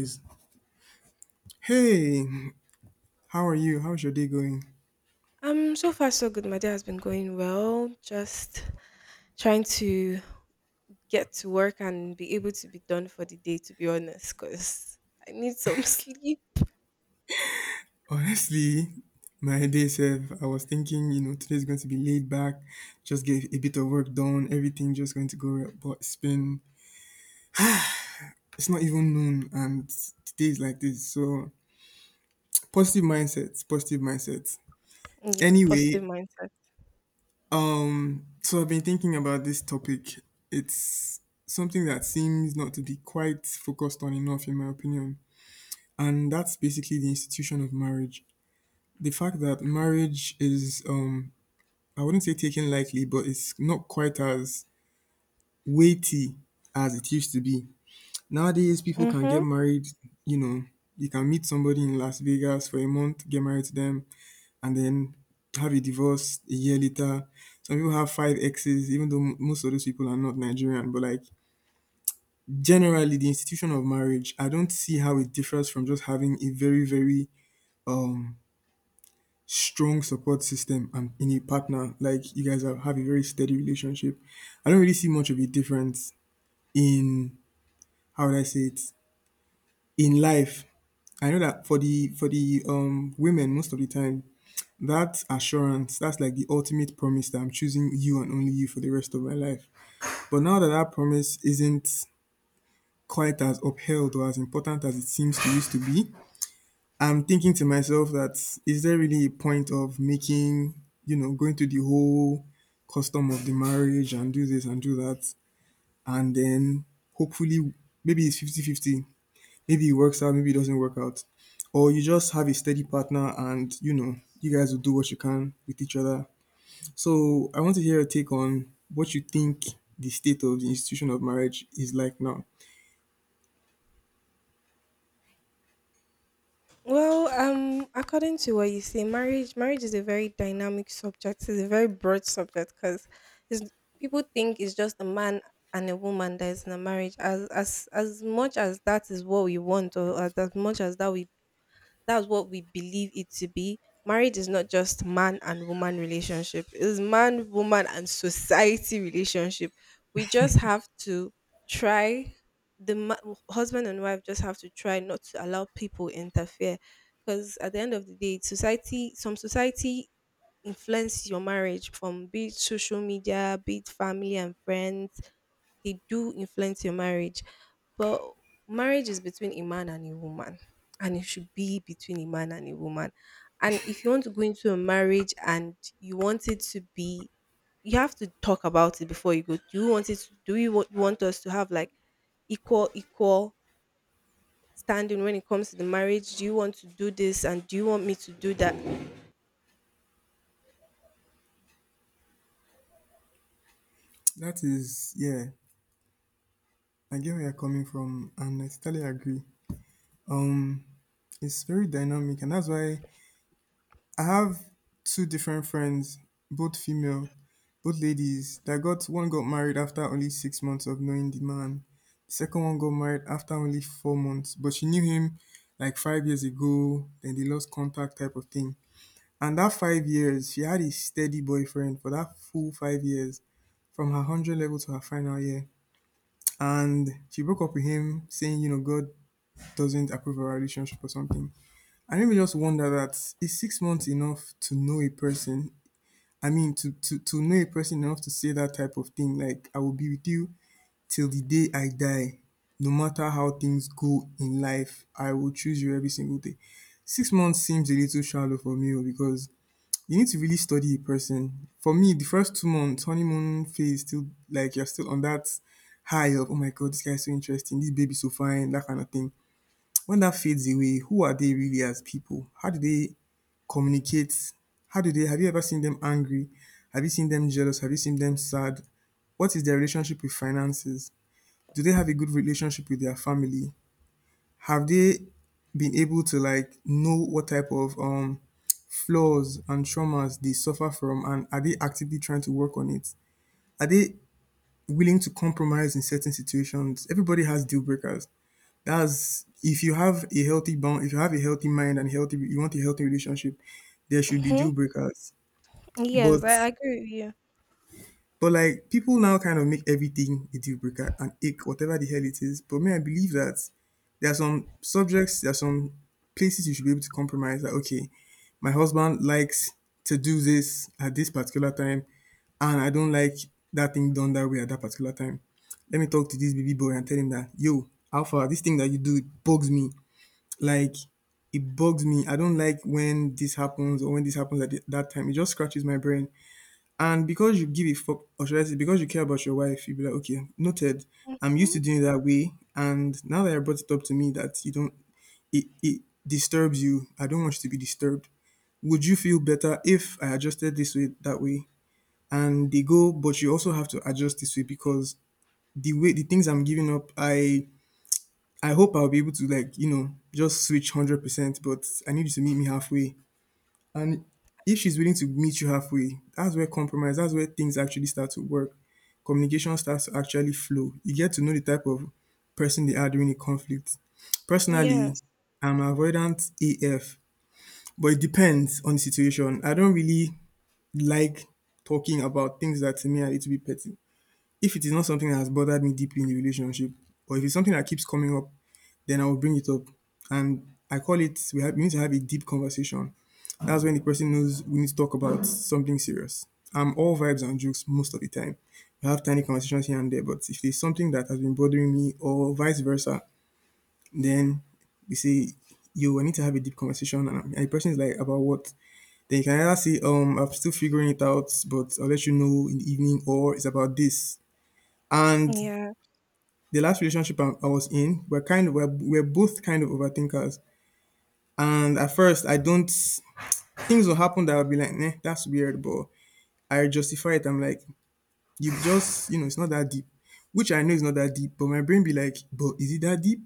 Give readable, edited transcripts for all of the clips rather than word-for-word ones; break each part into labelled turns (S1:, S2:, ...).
S1: is, Hey, how are you? How's your day going?
S2: So far so good. My day has been going well. Just trying to get to work and be able to be done for the day. To be honest, because I need some sleep.
S1: Honestly, my day self, I was thinking, today's going to be laid back, just get a bit of work done, everything just going to go well. But it's not even noon, and today is like this. So, positive mindset, positive mindset.
S2: Yes, positive
S1: Anyway,
S2: mindset.
S1: so I've been thinking about this topic. It's something that seems not to be quite focused on enough, in my opinion. And that's basically the institution of marriage. The fact that marriage is, I wouldn't say taken lightly, but it's not quite as weighty as it used to be. Nowadays people can
S2: Mm-hmm.
S1: get married, you know, you can meet somebody in Las Vegas for a month, get married to them, and then have a divorce a year later. Some people have five exes, even though most of those people are not Nigerian. But like generally, the institution of marriage, I don't see how it differs from just having a very, very um strong support system and in a partner, like you guys have a very steady relationship. I don't really see much of a difference in, how would I say it, in life. I know that for the women most of the time that assurance that's like the ultimate promise that I'm choosing you and only you for the rest of my life. But now that that promise isn't quite as upheld or as important as it seems to used to be, I'm thinking to myself that is there really a point of making, going through the whole custom of the marriage and do this and do that. And then hopefully, maybe it's 50/50. Maybe it works out, maybe it doesn't work out. Or you just have a steady partner and, you guys will do what you can with each other. So I want to hear your take on what you think the state of the institution of marriage is like now.
S2: Well, according to what you say, marriage is a very dynamic subject. It's a very broad subject because people think it's just a man and a woman that is in a marriage. As much as that is what we want, or as much as that we that's what we believe it to be. Marriage is not just man and woman relationship. It's man, woman, and society relationship. We just have to try, husband and wife just have to try not to allow people interfere, because at the end of the day, society, some society influence your marriage. From, be it social media, be it family and friends, they do influence your marriage. But marriage is between a man and a woman, and it should be between a man and a woman. And if you want to go into a marriage and you want it to be, you have to talk about it before you go. Do you want it? To, do you want us to have like equal standing when it comes to the marriage? Do you want to do this and do you want me to do that?
S1: That is, yeah, I get where you're coming from and I totally agree. Um, It's very dynamic, and that's why I have two different friends, both female, both ladies. That got one got married after only 6 months of knowing the man. The second one got married after only 4 months, but she knew him like 5 years ago. Then they lost contact, type of thing. And that 5 years, she had a steady boyfriend for that full 5 years, from her 100 level to her final year. And she broke up with him, saying, God doesn't approve of our relationship or something. I really just wonder that is 6 months enough to know a person? I mean, to know a person enough to say that type of thing. Like, I will be with you till the day I die. No matter how things go in life, I will choose you every single day. 6 months seems a little shallow for me oh, because you need to really study a person. For me, the first 2 months, honeymoon phase, still like you're still on that high of, oh my God, this guy is so interesting, this baby's so fine, that kind of thing when that fades away, who are they really as people? How do they communicate? How do they have you ever seen them angry? Have you seen them jealous? Have you seen them sad? What is their relationship with finances? Do they have a good relationship with their family? Have they been able to like know what type of flaws and traumas they suffer from and are they actively trying to work on it? Are they willing to compromise in certain situations? Everybody has deal breakers. That's if you have a healthy bound, if you have a healthy mind and healthy, you want a healthy relationship, there should be
S2: Hmm.
S1: deal breakers.
S2: Yes,
S1: But
S2: I agree with you.
S1: but like people now kind of make everything a deal breaker and ick, whatever the hell it is. But me, I believe that there are some subjects, there are some places you should be able to compromise. That okay, my husband likes to do this at this particular time, and I don't like that thing done that way at that particular time. Let me talk to this baby boy and tell him that yo, Alpha, this thing that you do it bugs me. Like, it bugs me. I don't like when this happens or when this happens at the, that time. It just scratches my brain. And because you give a fuck, or should I say, because you care about your wife, you'll be like, okay, noted. I'm used
S2: Hmm.
S1: to doing it that way. And now that I brought it up to me that you don't, it disturbs you. I don't want you to be disturbed. Would you feel better if I adjusted this way, that way? And they go, but you also have to adjust this way because the way, the things I'm giving up, I hope I'll be able to like, just switch 100%, but I need you to meet me halfway. And if she's willing to meet you halfway, that's where compromise, that's where things actually start to work. Communication starts to actually flow. You get to know the type of person they are during a conflict. Personally,
S2: Yes.
S1: I'm avoidant AF, but it depends on the situation. I don't really like talking about things that to me are a little bit petty. If it is not something that has bothered me deeply in the relationship, or if it's something that keeps coming up, then I will bring it up. And I call it, we, have, we need to have a deep conversation. That's when the person knows we need to talk about something serious. I'm all vibes and jokes most of the time. We have tiny conversations here and there, but if there's something that has been bothering me or vice versa, then we say, yo, I need to have a deep conversation. And the person is like, about what? Then you can either say, I'm still figuring it out, but I'll let you know in the evening, or it's about this. And
S2: Yeah.
S1: the last relationship I was in, we're kind of, we're both kind of overthinkers. And at first, I don't. Things will happen that I'll be like, "Nah, that's weird," but I justify it. I'm like, "You just, it's not that deep," which I know is not that deep, but my brain be like, "But is it that deep?"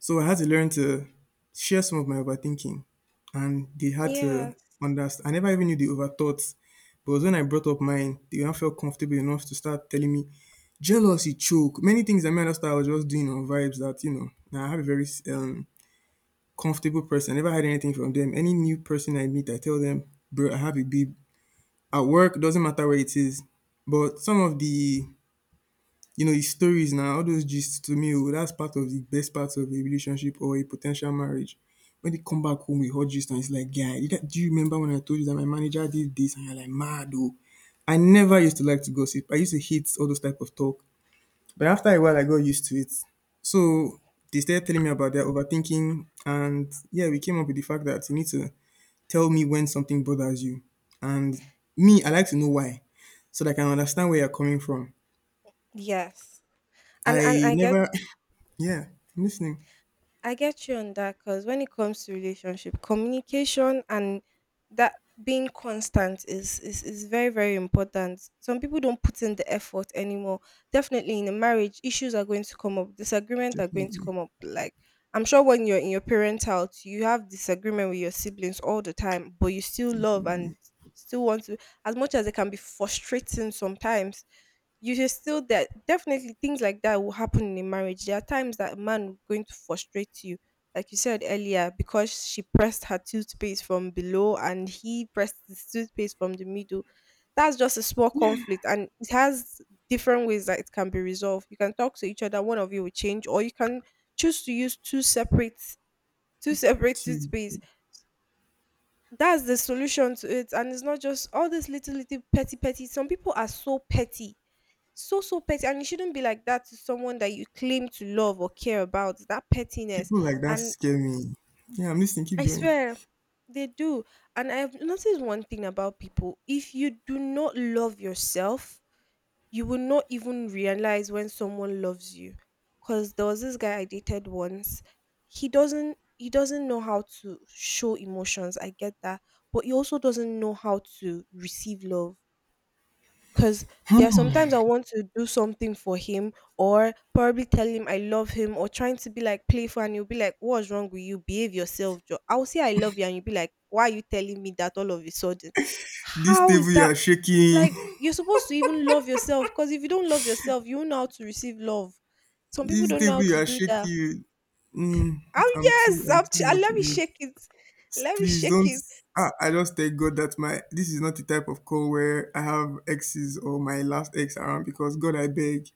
S1: So I had to learn to share some of my overthinking, and they had to
S2: Yes.
S1: understand. I never even knew they overthought, but it was when I brought up mine, they now felt comfortable enough to start telling me jealousy, choke, many things. I mean, I was just doing on vibes that you know. Now I have a very comfortable person. I never had anything from them. Any new person I meet, I tell them, bro, I have a babe at work. Doesn't matter where it is. But some of the, the stories now, all those gists to me, oh, that's part of the best parts of a relationship or a potential marriage. When they come back home with hot gist and it's like, yeah, do you remember when I told you that my manager did this? And you're like, mad, oh. I never used to like to gossip. I used to hate all those type of talk. But after a while, I got used to it. So they started telling me about their overthinking, and yeah, we came up with the fact that you need to tell me when something bothers you. And me, I like to know why, so that I can understand where you're coming from.
S2: Yes. And
S1: I never, yeah, I'm listening.
S2: I get you on that, because when it comes to relationship, communication and that being constant is very very important. Some people don't put in the effort anymore. Definitely in a marriage, issues are going to come up, disagreement are going to
S1: Definitely,
S2: come up. Like, I'm sure when you're in your parents' house, you have disagreement with your siblings all the time, but you still love and
S1: definitely.
S2: still want to, as much as it can be frustrating sometimes, you should still that definitely things like that will happen in a marriage. There are times that a man will going to frustrate you, like you said earlier, because she pressed her toothpaste from below and he pressed his toothpaste from the middle. That's just a small conflict, and it has different ways that it can be resolved. You can talk to each other; one of you will change, or you can choose to use two separate
S1: Dude,
S2: toothpaste. That's the solution to it. And it's not just all this little little petty petty, some people are so petty, so petty, and you shouldn't be like that to someone that you claim to love or care about. That pettiness,
S1: people like that
S2: and
S1: scare me. Yeah, I'm listening. Keep
S2: I
S1: going.
S2: swear, they do. And I've noticed one thing about people: if you do not love yourself, you will not even realize when someone loves you. Because there was this guy I dated once. He doesn't know how to show emotions, I get that. But he also doesn't know how to receive love, because there are sometimes I want to do something for him, or probably tell him I love him, or trying to be like playful, and you'll be like, "What's wrong with you? Behave yourself." Joe, I'll say I love you, and you'll be like, "Why are you telling me that all of a sudden?
S1: This
S2: How
S1: table
S2: is
S1: you
S2: that?"
S1: are shaking.
S2: Like, you're supposed to even love yourself, because if you don't love yourself, you won't know how to receive love. Some people
S1: This
S2: don't know
S1: table
S2: how
S1: you
S2: to
S1: are
S2: do that.
S1: shaking. Mm,
S2: Oh,
S1: I'm too.
S2: yes,
S1: I'm too much
S2: let
S1: on
S2: me
S1: it.
S2: shake it. Let me
S1: Please
S2: shake
S1: don't.
S2: it.
S1: I just thank God that my this is not the type of call where I have exes or my last ex around because God, I beg.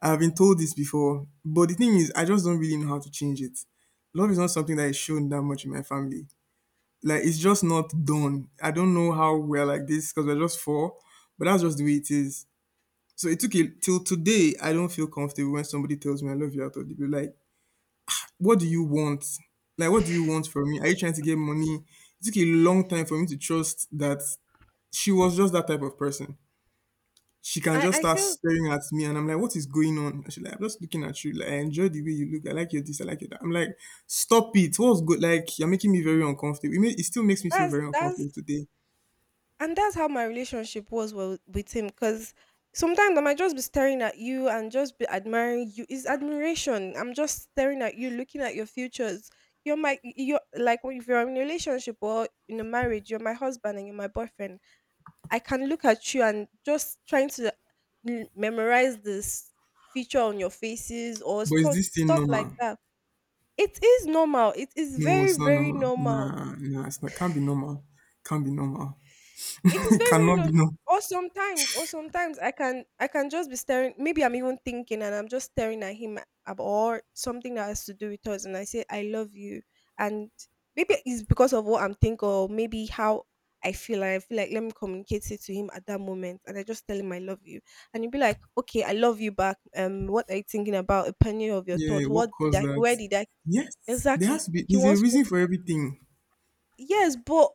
S1: I have been told this before, but the thing is, I just don't really know how to change it. Love is not something that is shown that much in my family. Like it's just not done. I don't know how we're like this because we're just four, but that's just the way it is. So it took it till today. I don't feel comfortable when somebody tells me I love you out of the blue. Like what do you want? Like, what do you want from me? Are you trying to get money? It took a long time for me to trust that she was just that type of person. She can
S2: I
S1: just
S2: I
S1: start
S2: feel
S1: staring at me, and I'm like, "What is going on?" And she's like, "I'm just looking at you. Like, I enjoy the way you look. I like your this. I like your that." I'm like, "Stop it! What's good? Like, you're making me very uncomfortable. It, may, it still makes me feel
S2: that's
S1: very
S2: that's
S1: uncomfortable today.
S2: that's how my relationship was with him, because sometimes I might just be staring at you and just be admiring you. It's admiration. I'm just staring at you, looking at your futures. You're my, you're like, if you're in a relationship or in a marriage, you're my husband and you're my boyfriend. I can look at you and just trying to memorize this feature on your faces, or
S1: But is
S2: stuff
S1: this thing
S2: stuff like
S1: normal?
S2: that. It is normal. It is
S1: No,
S2: very
S1: it's not
S2: very
S1: normal.
S2: normal.
S1: Nah, nah, it's not. Can't be normal. Can't be normal.
S2: It is
S1: It
S2: very, very
S1: cannot be
S2: no.
S1: normal.
S2: Or sometimes I can just be staring. Maybe I'm even thinking, and I'm just staring at him, or something that has to do with us, and I say I love you. And maybe it's because of what I'm thinking, or maybe how I feel, and I feel like let me communicate it to him at that moment, and I just tell him I love you, and he'll be like, "Okay, I love you back. What are you thinking about? Opinion of your
S1: Yeah,
S2: thought?
S1: what
S2: What did
S1: caused
S2: I,
S1: that?
S2: where did I
S1: Yes, there
S2: exactly?"
S1: has to be.
S2: He
S1: There's a
S2: wants to,
S1: reason for everything.
S2: yes, but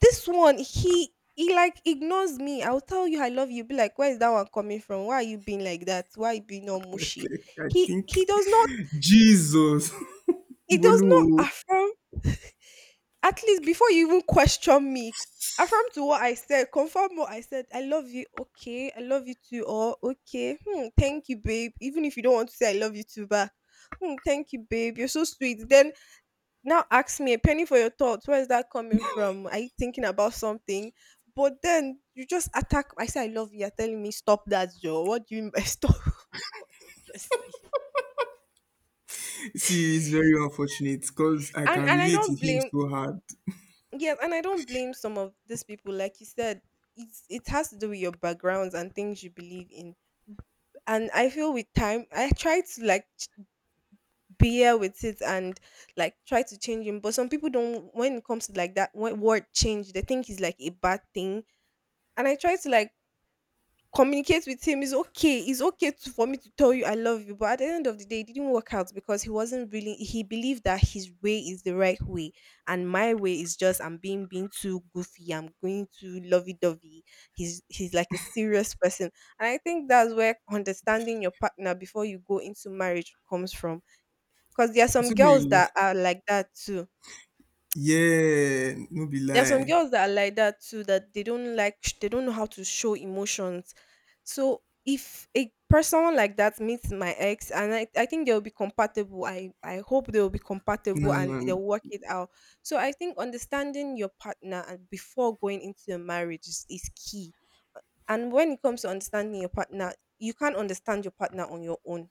S2: this one, he like ignores me. I'll tell you I love you. Be like, "Where is that one coming from? Why are you being like that? Why you being all mushy?"
S1: I
S2: He
S1: think
S2: he does not,
S1: Jesus.
S2: he does not
S1: Bolu,
S2: affirm. At least before you even question me, affirm to what I said, confirm what I said. I love you, okay. I love you too, or okay. Hmm, thank you, babe. Even if you don't want to say I love you too back. Hmm, thank you, babe. You're so sweet. Then now ask me a penny for your thoughts. Where is that coming from? Are you thinking about something? But then you just attack. I say I love you. You're telling me stop that, Joe. What do you mean by stop? God of mercy.
S1: see, it's very unfortunate because I can
S2: And I
S1: relate to
S2: don't
S1: him
S2: blame.
S1: so hard.
S2: Yes, and I don't blame some of these people. Like you said, it has to do with your backgrounds and things you believe in. And I feel with time, I try to like bear with it and like try to change him. But some people don't. When it comes to like that word change, they think it's like a bad thing. And I tried to like communicate with him: it's okay, it's okay to, for me to tell you I love you. But at the end of the day, it didn't work out, because he wasn't really. He believed that his way is the right way, and my way is just I'm being too goofy, I'm going too lovey dovey. He's like a serious person, and I think that's where understanding your partner before you go into marriage comes from. Because there are
S1: It
S2: some
S1: took me
S2: girls
S1: a long.
S2: that are like that too.
S1: Yeah, no be
S2: There are some
S1: lie.
S2: girls that are like that too, that they don't like, they don't know how to show emotions. So if a person like that meets my ex, and I think they'll be compatible. I hope they'll be compatible
S1: No,
S2: and they'll work it out. So I think understanding your partner and before going into a marriage is key. And when it comes to understanding your partner, you can't understand your partner on your own.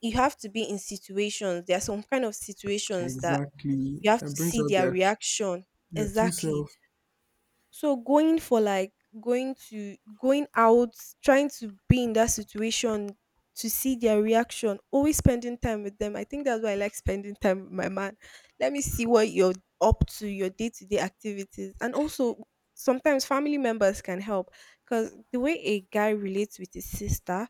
S2: You have to be in situations. There are some kind of situations that
S1: exactly.
S2: you have
S1: That
S2: to
S1: brings
S2: see
S1: out
S2: their
S1: their
S2: reaction.
S1: their true
S2: Exactly.
S1: self.
S2: So going for like, going to going out, trying to be in that situation to see their reaction, always spending time with them. I think that's why I like spending time with my man. Let me see what you're up to, your day to day activities. And also sometimes family members can help. Cause the way a guy relates with his sister,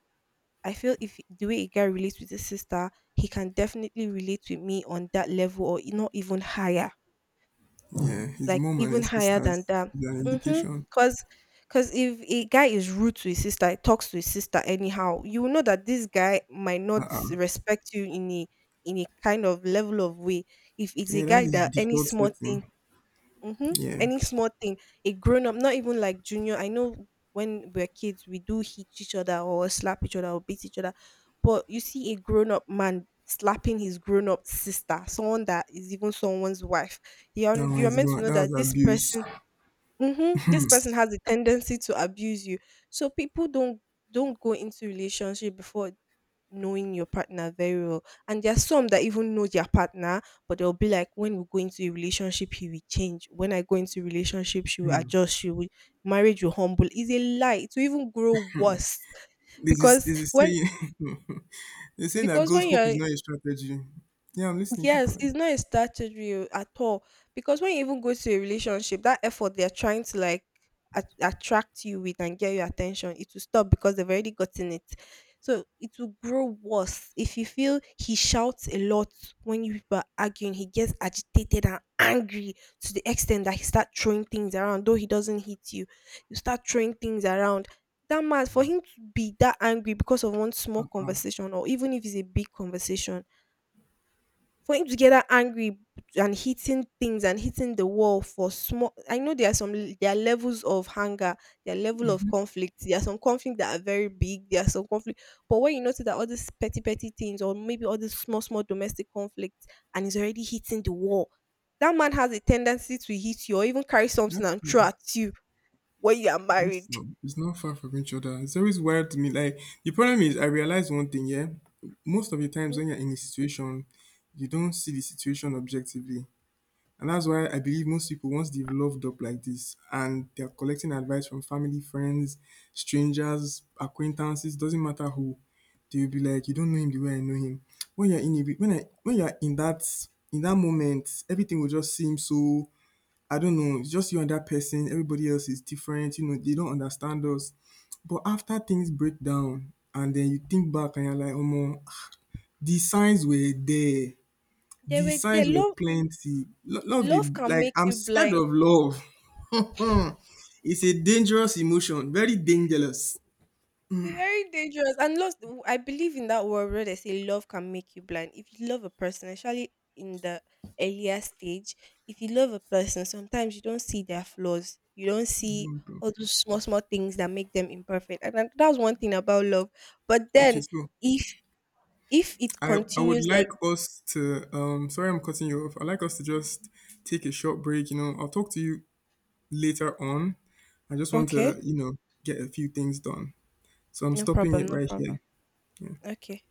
S2: I feel if the way a guy relates with his sister, he can definitely relate with me on that level or not even higher,
S1: Yeah, his
S2: like
S1: mom and
S2: even
S1: his
S2: higher than
S1: sisters
S2: that.
S1: is an
S2: Mm-hmm.
S1: indication.
S2: Cause, cause if a guy is rude to his sister, he talks to his sister anyhow, you will know that this guy might not respect you in a, in a kind of level of way. If it's a
S1: Yeah, that
S2: guy
S1: is
S2: that any
S1: default
S2: small thing.
S1: setting.
S2: Mm-hmm.
S1: Yeah,
S2: Any small thing, a grown up, not even like junior. I know when we're kids, we do hit each other, or slap each other, or beat each other. But you see a grown up man slapping his grown up sister, someone that is even someone's wife, You're,
S1: that
S2: you're
S1: was
S2: meant to know
S1: that
S2: that
S1: was
S2: this
S1: abuse.
S2: person, mm-hmm, this person has a tendency to abuse you. So people don't go into relationship before knowing your partner very well. And there's some that even know their partner, but they'll be like, when we go into a relationship, he will change. When I go into a relationship, she will
S1: Hmm.
S2: adjust. She will, marriage will humble. Is a lie. It will even grow worse.
S1: This is
S2: because
S1: this, is
S2: when
S1: saying. They're saying that
S2: because
S1: God's
S2: when
S1: hope
S2: you're
S1: is not a strategy. Yeah, I'm listening. Keep
S2: Yes,
S1: going.
S2: it's not a strategy at all. Because when you even go to a relationship, that effort they're trying to like attract you with and get your attention, it will stop because they've already gotten it. So it will grow worse. If you feel he shouts a lot when you people are arguing, he gets agitated and angry to the extent that he start throwing things around, though he doesn't hit you. You start throwing things around. That man, for him to be that angry because of one small
S1: uh
S2: conversation, or even if it's a big conversation, for him to get that angry and hitting things and hitting the wall for small, I know there are some, there are levels of anger, there are level of conflict, there are some conflict that are very big, there are some conflict. But when you notice that all these petty petty things, or maybe all these small small domestic conflicts, and he's already hitting the wall, that man has a tendency to hit you or even carry
S1: Yeah.
S2: something and throw
S1: Mm,
S2: at you when you are
S1: It's
S2: married.
S1: not, it's not far from each other. It's always weird to me. Like the problem is, I realize one thing. Yeah, most of the times when
S2: Mhm.
S1: you're in a situation, you don't see the situation objectively. And that's why I believe most people, once they've loved up like this and they're collecting advice from family, friends, strangers, acquaintances, doesn't matter who, they'll be like, You don't know him the way I know him. When you're in it, when you're in that moment, everything will just seem so I don't know, it's just you and that person, everybody else is different, they don't understand us. But after things break down and then you think back and you're like, oh, the signs were there.
S2: They
S1: The
S2: will they
S1: signs were
S2: love,
S1: plenty. Lo- love the
S2: love can
S1: like
S2: make
S1: I'm
S2: you
S1: scared
S2: blind.
S1: of love. It's a dangerous emotion, very dangerous.
S2: It's very dangerous. And lost, I believe in that word where they say love can make you blind. If you love a person, especially in the earlier stage, if you love a person, sometimes you don't see their flaws. You don't see
S1: Don't know.
S2: all those small, small things that make them imperfect. And that's one thing about love. But
S1: Okay,
S2: then
S1: so
S2: if if it
S1: I would
S2: continues like,
S1: like us to sorry I'm cutting you off. I'd like us to just take a short break. I'll talk to you later on. I just want
S2: okay,
S1: to, get a few things done. So I'm
S2: no
S1: stopping
S2: problem,
S1: it
S2: no
S1: right
S2: problem.
S1: here. Yeah.
S2: Okay.